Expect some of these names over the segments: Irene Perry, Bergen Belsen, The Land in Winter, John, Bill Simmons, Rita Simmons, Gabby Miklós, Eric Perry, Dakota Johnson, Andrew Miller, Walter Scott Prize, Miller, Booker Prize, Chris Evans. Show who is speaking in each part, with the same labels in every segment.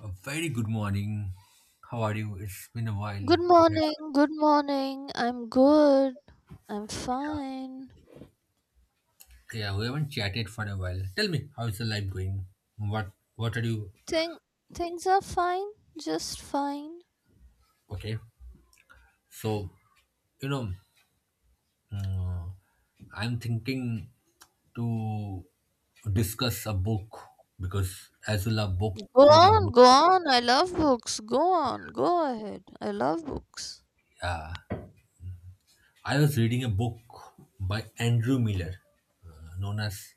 Speaker 1: A very good morning. How are you? It's been a while.
Speaker 2: Good
Speaker 1: But
Speaker 2: morning, good morning. I'm good. I'm fine.
Speaker 1: yeah, we haven't chatted for a while. Tell me, how is the life going? What are you?
Speaker 2: Thing Things are fine, just fine.
Speaker 1: Okay. So you know, uh, I'm thinking to discuss a book because as you love book
Speaker 2: Go
Speaker 1: reading,
Speaker 2: on, go on. I love books. Go on, go ahead. I love books.
Speaker 1: yeah, I was reading a book by Andrew Miller, known as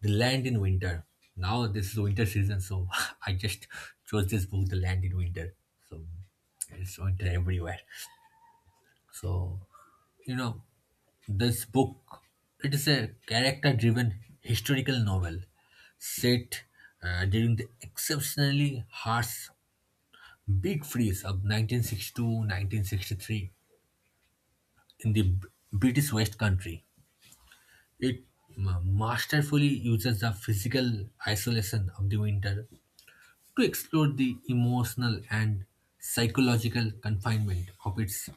Speaker 1: The Land in Winter. Now this is winter season, so I just chose this book, The Land in Winter. So it's winter everywhere. So you know, this book it is a character-driven historical novel set during the exceptionally harsh big freeze of 1962, 1963 in the British West Country. It masterfully uses the physical isolation of the winter to explore the emotional and psychological confinement of its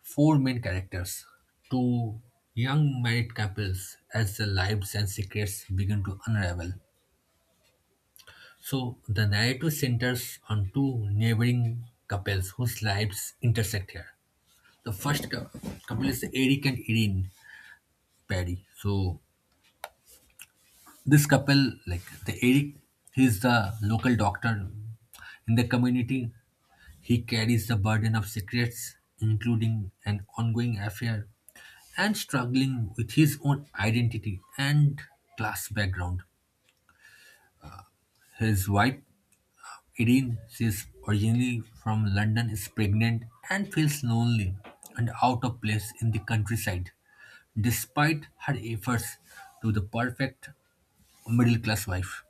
Speaker 1: four main characters, two young married couples, as their lives and secrets begin to unravel. So, the narrative centers on two neighboring couples whose lives intersect here. The first couple is Eric and Irene Perry. So, this couple, like the Eric, he's the local doctor in the community. He carries the burden of secrets, including an ongoing affair, and struggling with his own identity and class background. His wife, Irene, she's originally from London, is pregnant and feels lonely and out of place in the countryside, despite her efforts to the perfect middle class wife.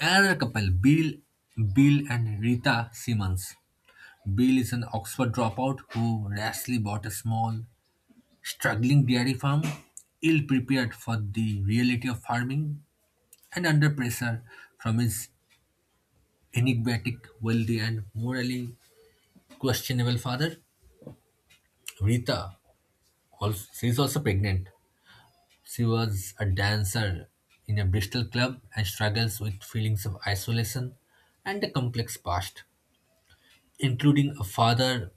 Speaker 1: Another couple, Bill and Rita Simmons. Bill is an Oxford dropout who rashly bought a small, struggling dairy farm, ill prepared for the reality of farming, and under pressure from his enigmatic, wealthy, and morally questionable father. Rita, also, she's also pregnant. She was a dancer in a Bristol club and struggles with feelings of isolation and a complex past, including a father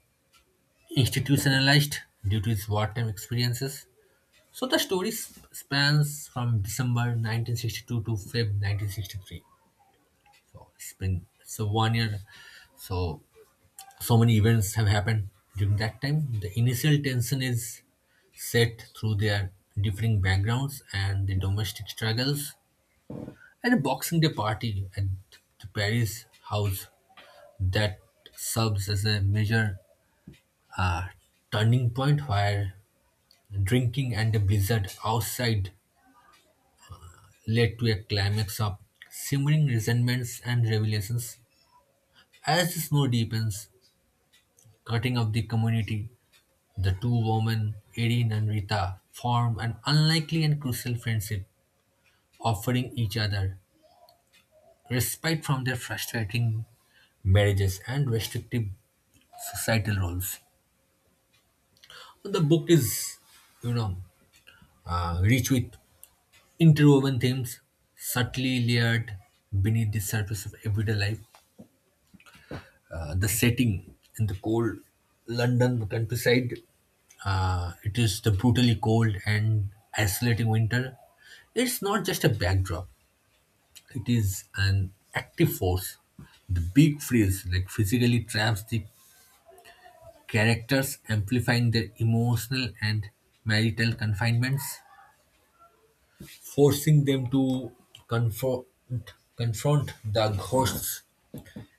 Speaker 1: institutionalized due to his wartime experiences. So the story spans from December 1962 to Feb 1963. So it's been so one year. So so many events have happened during that time. The initial tension is set through their differing backgrounds and the domestic struggles at a Boxing Day party at the Paris house that serves as a major uh, turning point where drinking and a blizzard outside led to a climax of simmering resentments and revelations. As the snow deepens, cutting up the community, the two women, Erin and Rita, form an unlikely and crucial friendship, offering each other respite from their frustrating marriages and restrictive societal roles. The book is, you know, rich with interwoven themes, subtly layered beneath the surface of everyday life. The setting in the cold London countryside. It is the brutally cold and isolating winter. It's not just a backdrop, it is an active force. The big freeze like physically traps the characters, amplifying their emotional and marital confinements, forcing them to confront the ghosts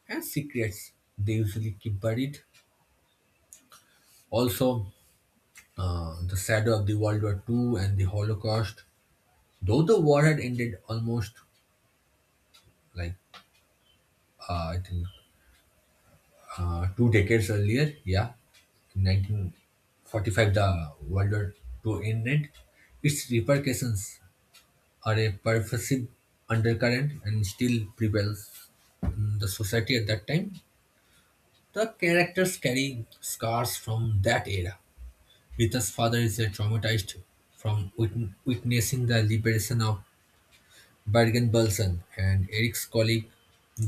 Speaker 1: and secrets they usually keep buried. Also, the shadow of the World War Two and the Holocaust. Though the war had ended almost like I think two decades earlier, yeah, in 1945 the World War Two ended. Its repercussions are a pervasive undercurrent and still prevails in the society at that time. The characters carry scars from that era. Rita's father is traumatized from witnessing the liberation of Bergen Belsen, and Eric's colleague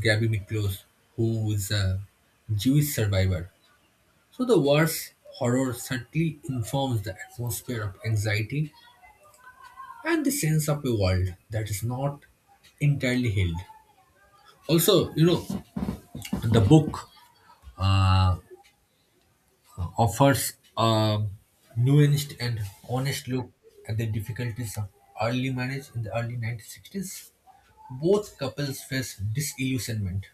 Speaker 1: Gabby Miklós, who is a Jewish survivor. So the war's horror certainly informs the atmosphere of anxiety and the sense of a world that is not entirely healed. Also, the book uh, offers a nuanced and honest look at the difficulties of early marriage in the early 1960s. Both couples face disillusionment: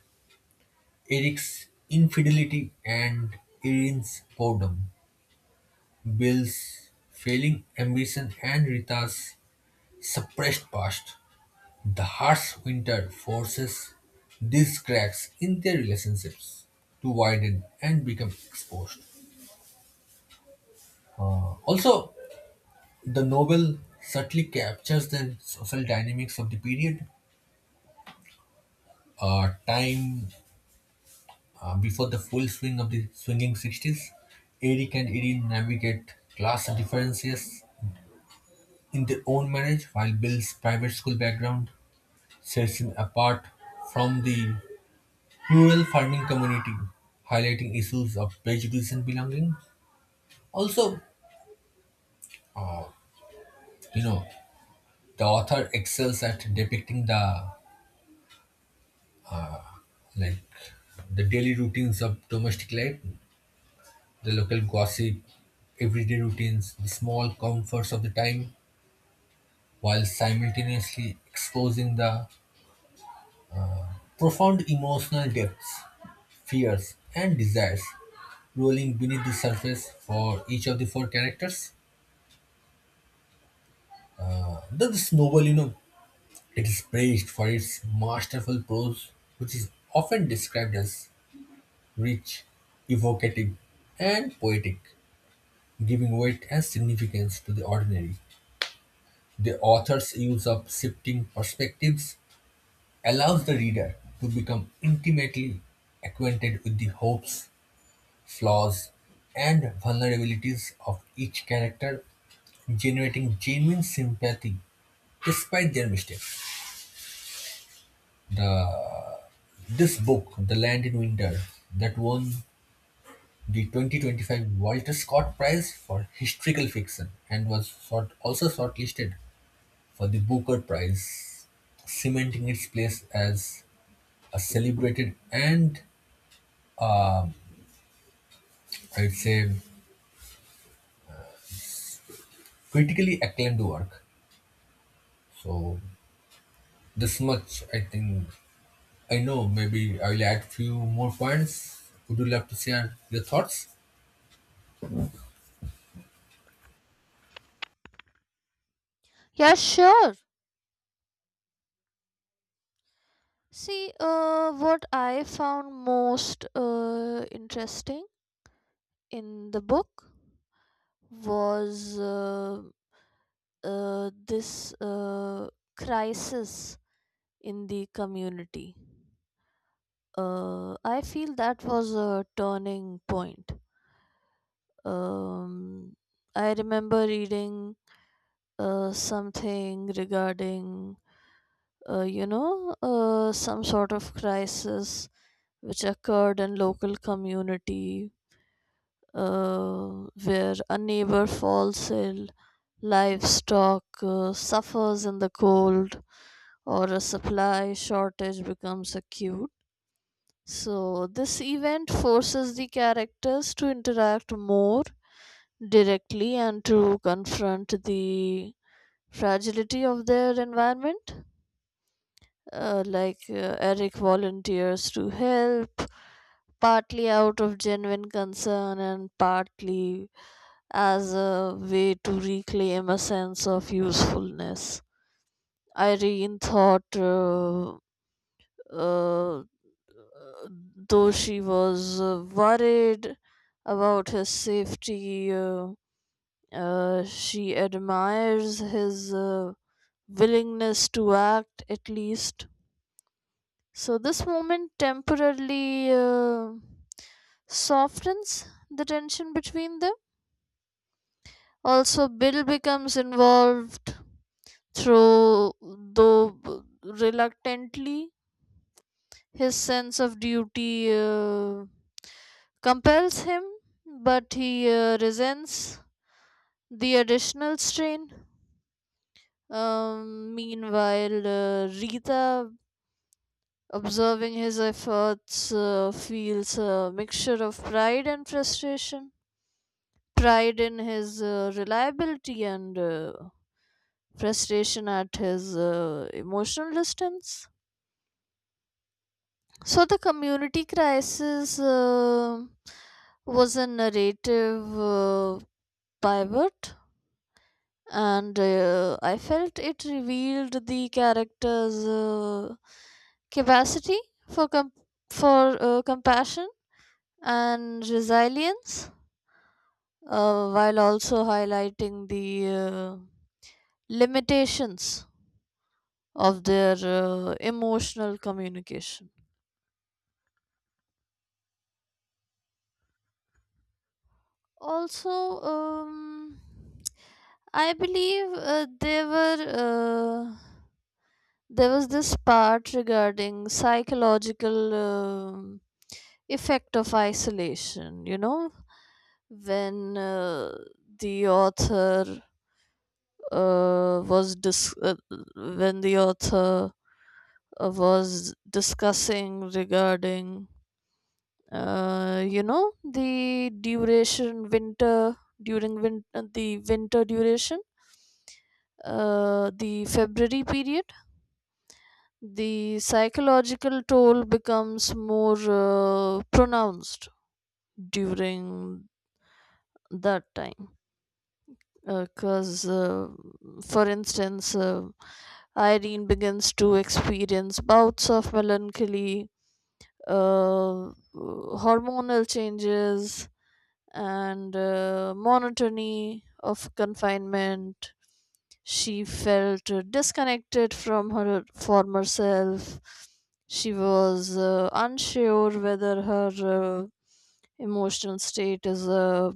Speaker 1: Eric's infidelity and Irene's boredom, Bill's failing ambition and Rita's suppressed past. The harsh winter forces these cracks in their relationships to widen and become exposed. Also, the novel subtly captures the social dynamics of the period. Time before the full swing of the swinging '60s, Eric and Erin navigate class differences in their own marriage, while Bill's private school background sets him apart from the rural farming community, highlighting issues of prejudice and belonging. Also, you know, the author excels at depicting like the daily routines of domestic life, the local gossip, everyday routines, the small comforts of the time, while simultaneously exposing the profound emotional depths, fears, and desires rolling beneath the surface for each of the four characters. Though this novel, it is praised for its masterful prose, which is often described as rich, evocative, and poetic, giving weight and significance to the ordinary. The author's use of shifting perspectives allows the reader to become intimately acquainted with the hopes, flaws, and vulnerabilities of each character, generating genuine sympathy despite their mistakes. The, this book, The Land in Winter, that won the 2025 Walter Scott Prize for Historical Fiction and was also shortlisted for the Booker Prize, cementing its place as a celebrated and, I'd say, critically acclaimed work. So this much I think I know. Maybe I will add few more points. Would you love to share your thoughts?
Speaker 2: Yeah, sure. See, what I found most interesting in the book was this crisis in the community. I feel that was a turning point. Um, I remember reading something regarding, you know, some sort of crisis which occurred in local community where a neighbor falls ill, livestock suffers in the cold, or a supply shortage becomes acute. So, this event forces the characters to interact more directly and to confront the fragility of their environment. Like, Eric volunteers to help, partly out of genuine concern and partly as a way to reclaim a sense of usefulness. Irene thought uh, uh, though she was worried about his safety, she admires his willingness to act at least. So, this moment temporarily softens the tension between them. Also, Bill becomes involved through, though reluctantly. His sense of duty compels him, but he resents the additional strain. Meanwhile, Rita, observing his efforts, feels a mixture of pride and frustration. Pride in his reliability and frustration at his emotional distance. So the community crisis was a narrative pivot, and I felt it revealed the character's capacity for com- for compassion and resilience, while also highlighting the limitations of their emotional communication. Also, I believe uh, there was this part regarding psychological effect of isolation. You know, when the author was dis- when the author was discussing regarding, you know, the duration winter, the winter duration, the February period. The psychological toll becomes more pronounced during that time because, for instance, Irene begins to experience bouts of melancholy, uh, hormonal changes, and monotony of confinement. She felt disconnected from her former self. She was unsure whether her emotional state is a,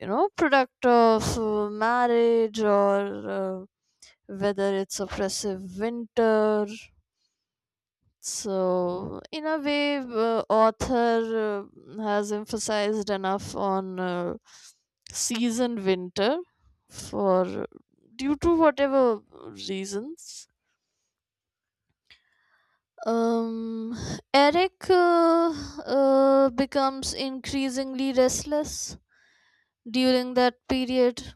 Speaker 2: you know, product of marriage or whether it's oppressive winter. So, in a way, author has emphasized enough on season winter for, due to whatever reasons. Um, Eric becomes increasingly restless during that period,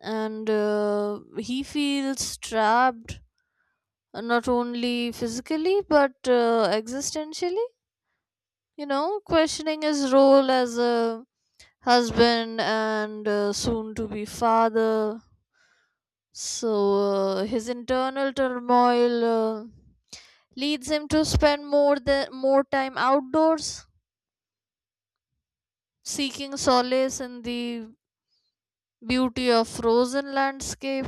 Speaker 2: and he feels trapped, not only physically but existentially, you know, questioning his role as a husband and soon to be father. So his internal turmoil leads him to spend more time outdoors, seeking solace in the beauty of frozen landscape.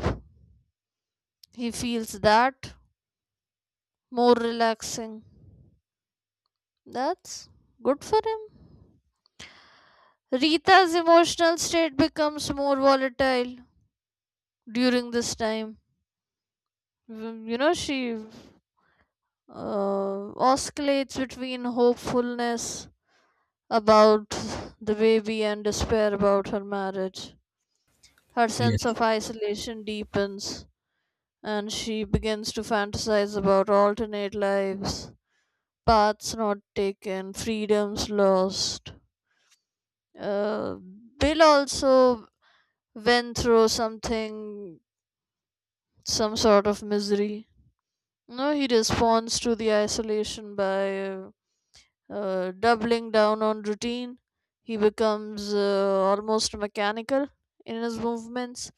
Speaker 2: He feels that more relaxing. That's good for him. Rita's emotional state becomes more volatile during this time. Mm, you know, she oscillates between hopefulness about the baby and despair about her marriage. Her sense
Speaker 1: Yes.
Speaker 2: of isolation deepens, and she begins to fantasize about alternate lives, paths not taken, freedoms lost. Uh, Bill also went through something, some sort of misery. No, he responds to the isolation by doubling down on routine. He becomes almost mechanical in his movements,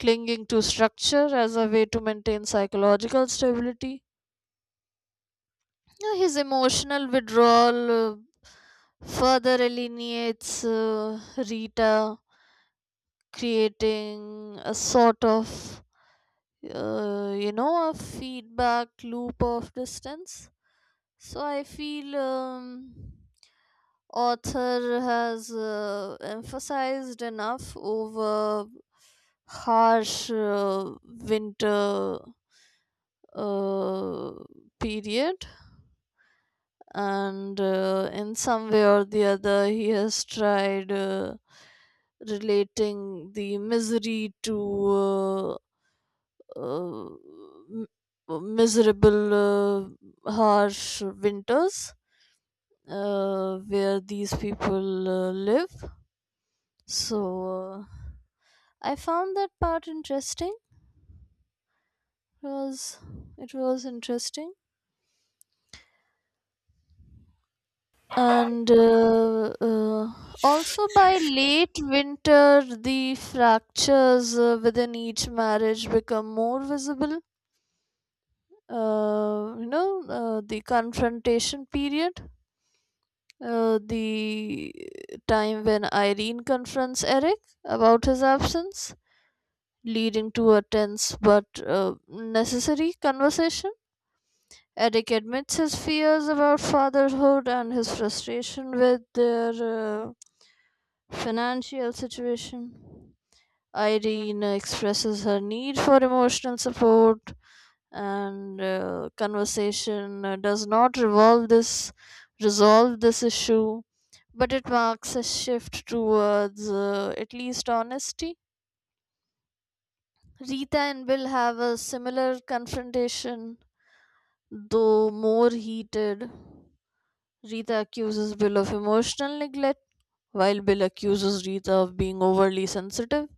Speaker 2: clinging to structure as a way to maintain psychological stability. Yeah, his emotional withdrawal further alienates Rita, creating a sort of, you know, a feedback loop of distance. So I feel, author has emphasized enough over harsh winter uh, period, and in some way or the other he has tried relating the misery to uh, m- miserable, harsh winters where these people live. So uh, I found that part interesting. It was, it was interesting, and also by late winter, the fractures within each marriage become more visible. You know, the confrontation period, the time when Irene confronts Eric about his absence, leading to a tense but necessary conversation. Eric admits his fears about fatherhood and his frustration with their financial situation. Irene expresses her need for emotional support, and conversation does not revolve this resolve this issue, but it marks a shift towards at least honesty. Rita and Bill have a similar confrontation, though more heated. Rita accuses Bill of emotional neglect, while Bill accuses Rita of being overly sensitive.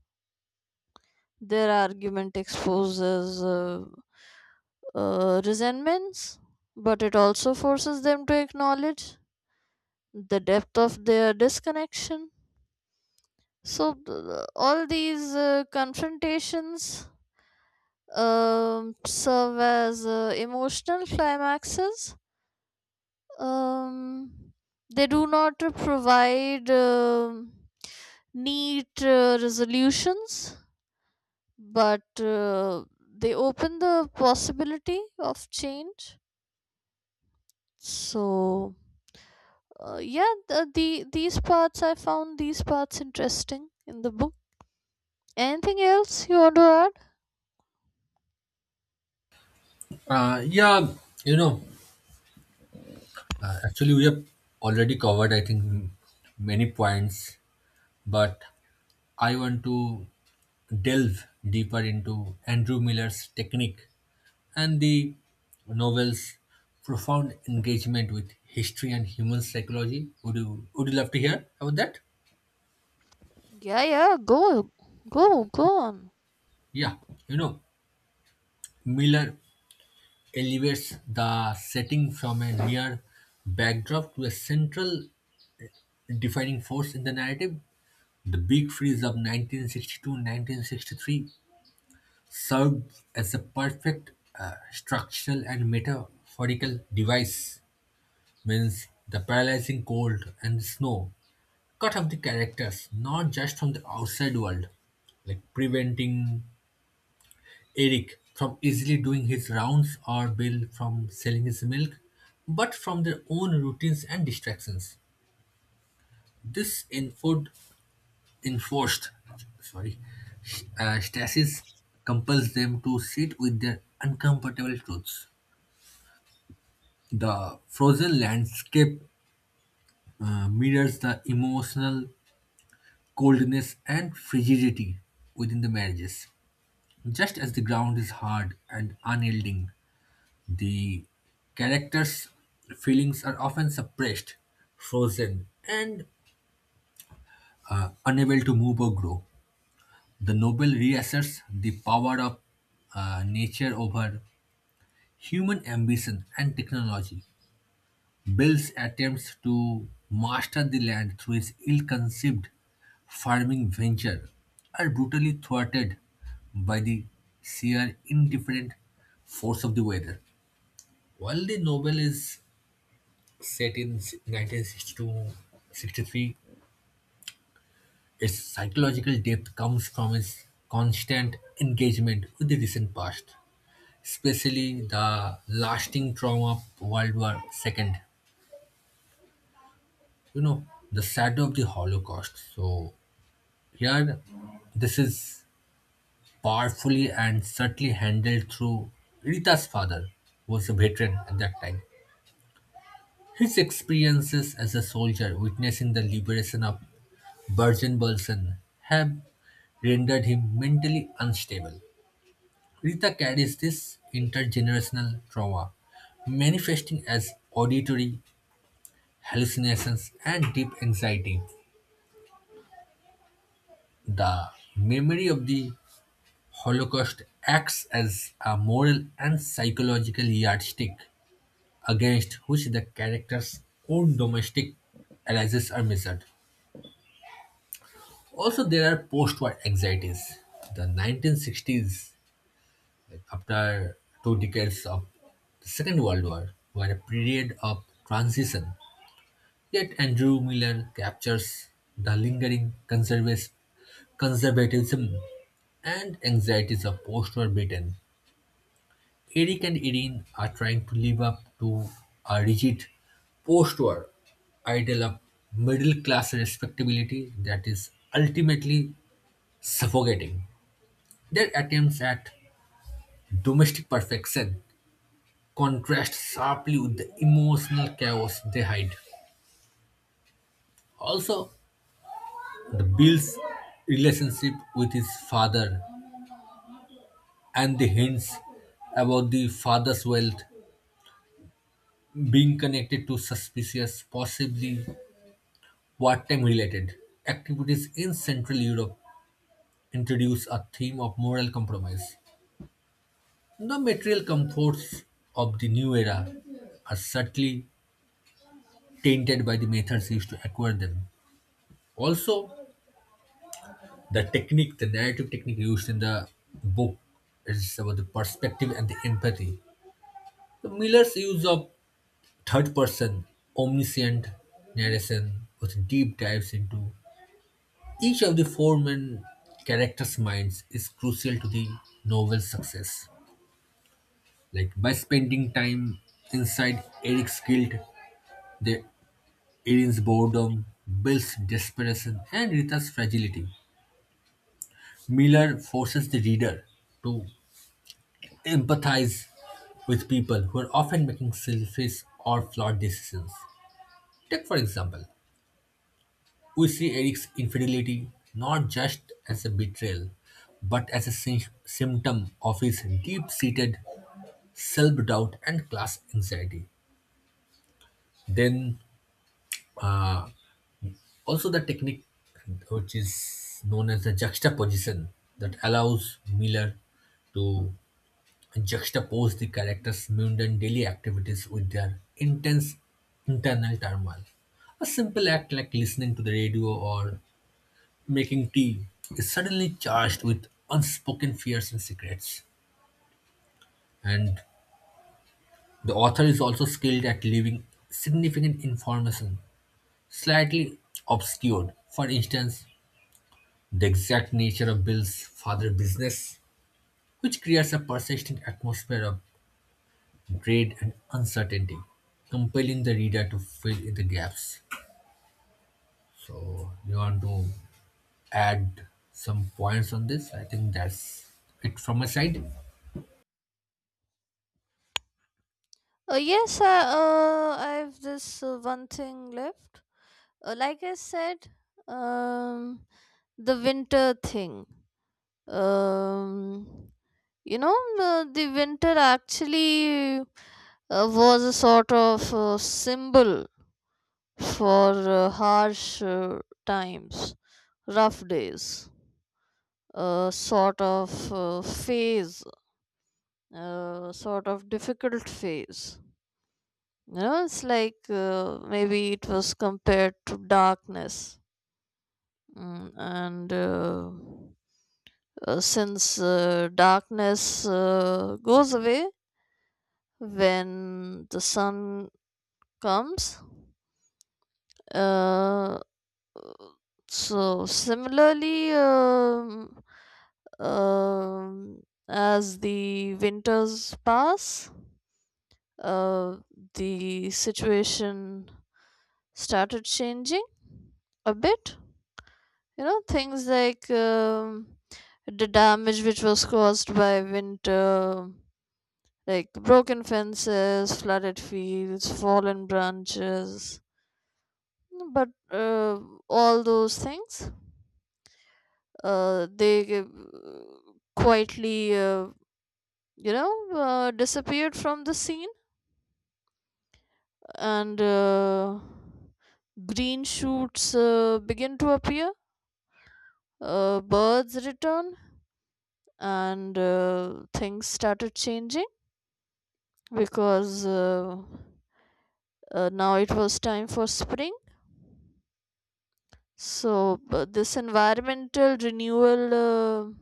Speaker 2: Their argument exposes resentments, but it also forces them to acknowledge the depth of their disconnection. So, all these confrontations, serve as emotional climaxes. Um, they do not provide neat resolutions, but they open the possibility of change. So, yeah, the, these parts I found, these parts interesting in the book. Anything else you want to add?
Speaker 1: Yeah. You know, actually we have already covered I think many points, but I want to delve deeper into Andrew Miller's technique and the novel's profound engagement with history and human psychology. Would you love to hear about that?
Speaker 2: Yeah, yeah, go on.
Speaker 1: Yeah, you know, Miller elevates the setting from a mere backdrop to a central defining force in the narrative. The big freeze of 1962, 1963, 1963 served as a perfect structural and metaphorical device, means the paralyzing cold and snow cut off the characters, not just from the outside world, like preventing Eric from easily doing his rounds or Bill from selling his milk, but from their own routines and distractions. This enforced, sorry, stasis compels them to sit with their uncomfortable truths. The frozen landscape mirrors the emotional coldness and frigidity within the marriages. Just as the ground is hard and unyielding, the characters' feelings are often suppressed, frozen, and unable to move or grow. The novel reasserts the power of nature over human ambition and technology. Bill's attempts to master the land through his ill conceived farming venture are brutally thwarted by the sheer indifferent force of the weather. While the novel is set in 1962, '63, its psychological depth comes from its constant engagement with the recent past, especially the lasting trauma of World War II. The shadow of the Holocaust. So here, this is powerfully and subtly handled through Rita's father, who was a veteran at that time. His experiences as a soldier witnessing the liberation of Bergen-Belsen have rendered him mentally unstable. Rita carries this intergenerational trauma, manifesting as auditory hallucinations and deep anxiety. The memory of the Holocaust acts as a moral and psychological yardstick against which the character's own domestic allies are measured. Also, there are post-war anxieties. The 1960s, like after two decades of the Second World War, were a period of transition. Yet Andrew Miller captures the lingering conservatism and anxieties of post-war Britain. Eric and Irene are trying to live up to a rigid post-war ideal of middle-class respectability that is ultimately suffocating. Their attempts at domestic perfection contrast sharply with the emotional chaos they hide. Also, the Bill's relationship with his father and the hints about the father's wealth being connected to suspicious, possibly wartime related activities in Central Europe introduce a theme of moral compromise. The material comforts of the new era are subtly tainted by the methods used to acquire them. Also, the narrative technique used in the book is about the perspective and the empathy. So Miller's use of third person omniscient narration with deep dives into each of the four main characters' minds is crucial to the novel's success, like by spending time inside Eric's guild, the Erin's boredom, Bill's desperation, and Rita's fragility. Miller forces the reader to empathize with people who are often making selfish or flawed decisions. Take, for example, we see Eric's infidelity not just as a betrayal, but as a symptom of his deep seated self doubt and class anxiety. Then, uh, also the technique which is known as the juxtaposition that allows Miller to juxtapose the characters' mundane daily activities with their intense internal turmoil. A simple act like listening to the radio or making tea is suddenly charged with unspoken fears and secrets. And the author is also skilled at leaving significant information slightly obscured. For instance, the exact nature of Bill's father's business, which creates a persistent atmosphere of dread and uncertainty, compelling the reader to fill in the gaps. So, you want to add some points on this? I think that's it from my side.
Speaker 2: Yes, I have this one thing left. Like I said, um the winter thing, um you know, the winter actually was a sort of symbol for harsh times, rough days, a sort of phase, a sort of difficult phase. You know, it's like, maybe it was compared to darkness. Mm, and since darkness goes away when the sun comes, uh, so similarly, um, as the winters pass, uh, the situation started changing a bit. You know, things like, the damage which was caused by winter, like broken fences, flooded fields, fallen branches, but uh, all those things they quietly, you know, disappeared from the scene, and green shoots begin to appear, birds return, and things started changing because, now it was time for spring. So, but this environmental renewal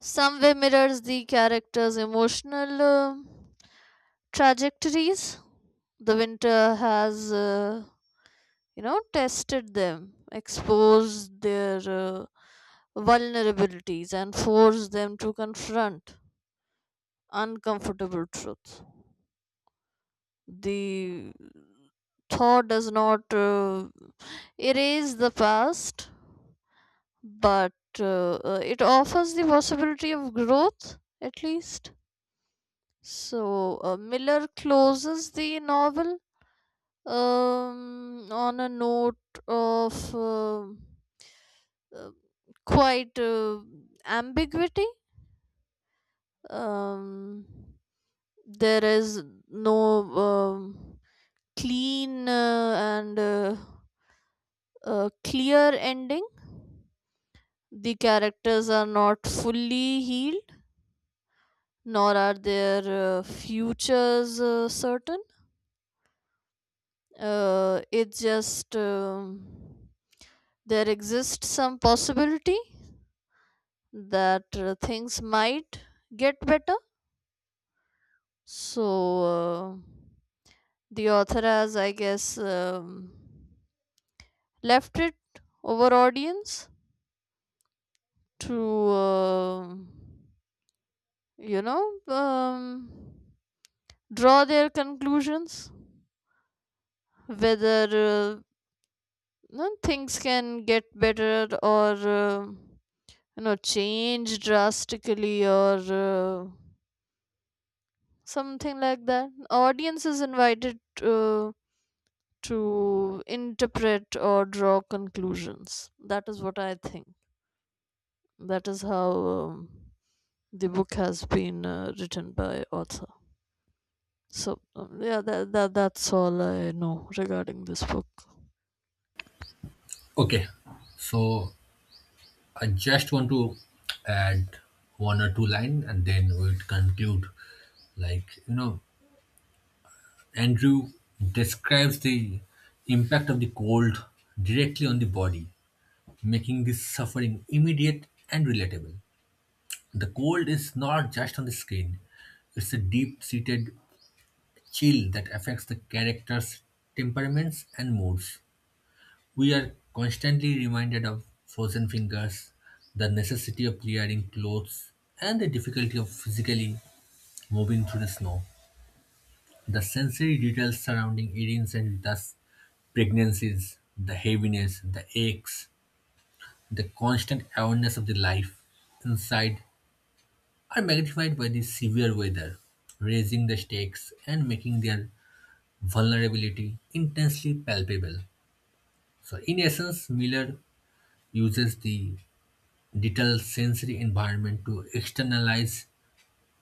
Speaker 2: some way mirrors the character's emotional trajectories. The winter has, you know, tested them, exposed their vulnerabilities, and forced them to confront uncomfortable truth. The thought does not erase the past, but it offers the possibility of growth, at least. So, Miller closes the novel on a note of uh, quite ambiguity. um, there is no, um, clean and clear ending. The characters are not fully healed, nor are their futures certain. It's just, there exists some possibility that things might get better. So uh, the author has, I guess, left it over audience to, you know, draw their conclusions whether, uh, no, things can get better, or you know, change drastically, or something like that. Audience is invited to interpret or draw conclusions. That is what I think. That is how, the book has been written by author. So, yeah, that, that's all I know regarding this book.
Speaker 1: Okay, so I just want to add one or two line and then we'll conclude. Like, Andrew describes the impact of the cold directly on the body, making this suffering immediate and relatable. The cold is not just on the skin; it's a deep seated chill that affects the characters' temperaments and moods. We are constantly reminded of frozen fingers, the necessity of clearing clothes, and the difficulty of physically moving through the snow. The sensory details surrounding earrings and thus pregnancies, the heaviness, the aches, the constant awareness of the life inside are magnified by the severe weather, raising the stakes and making their vulnerability intensely palpable. So, in essence, Miller uses the detailed sensory environment to externalize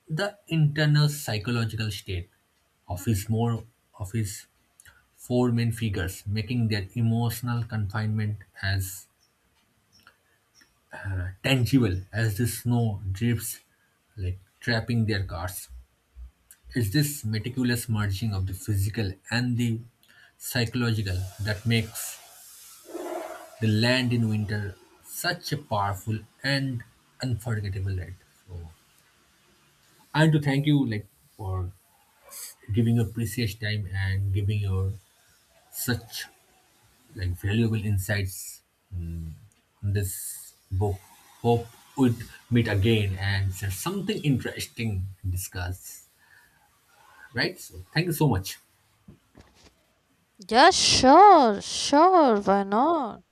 Speaker 1: the internal psychological state of his more of his four main figures, making their emotional confinement as tangible as the snow drifts, like trapping their cars. It's this meticulous merging of the physical and the psychological that makes The Land in Winter such a powerful and unforgettable ride. So I want to thank you like for giving your precious time and giving your such like valuable insights mm, on this book. Hope we'd meet again and share something interesting and discuss. Right? So thank you so much.
Speaker 2: Yeah, sure, sure. Why not?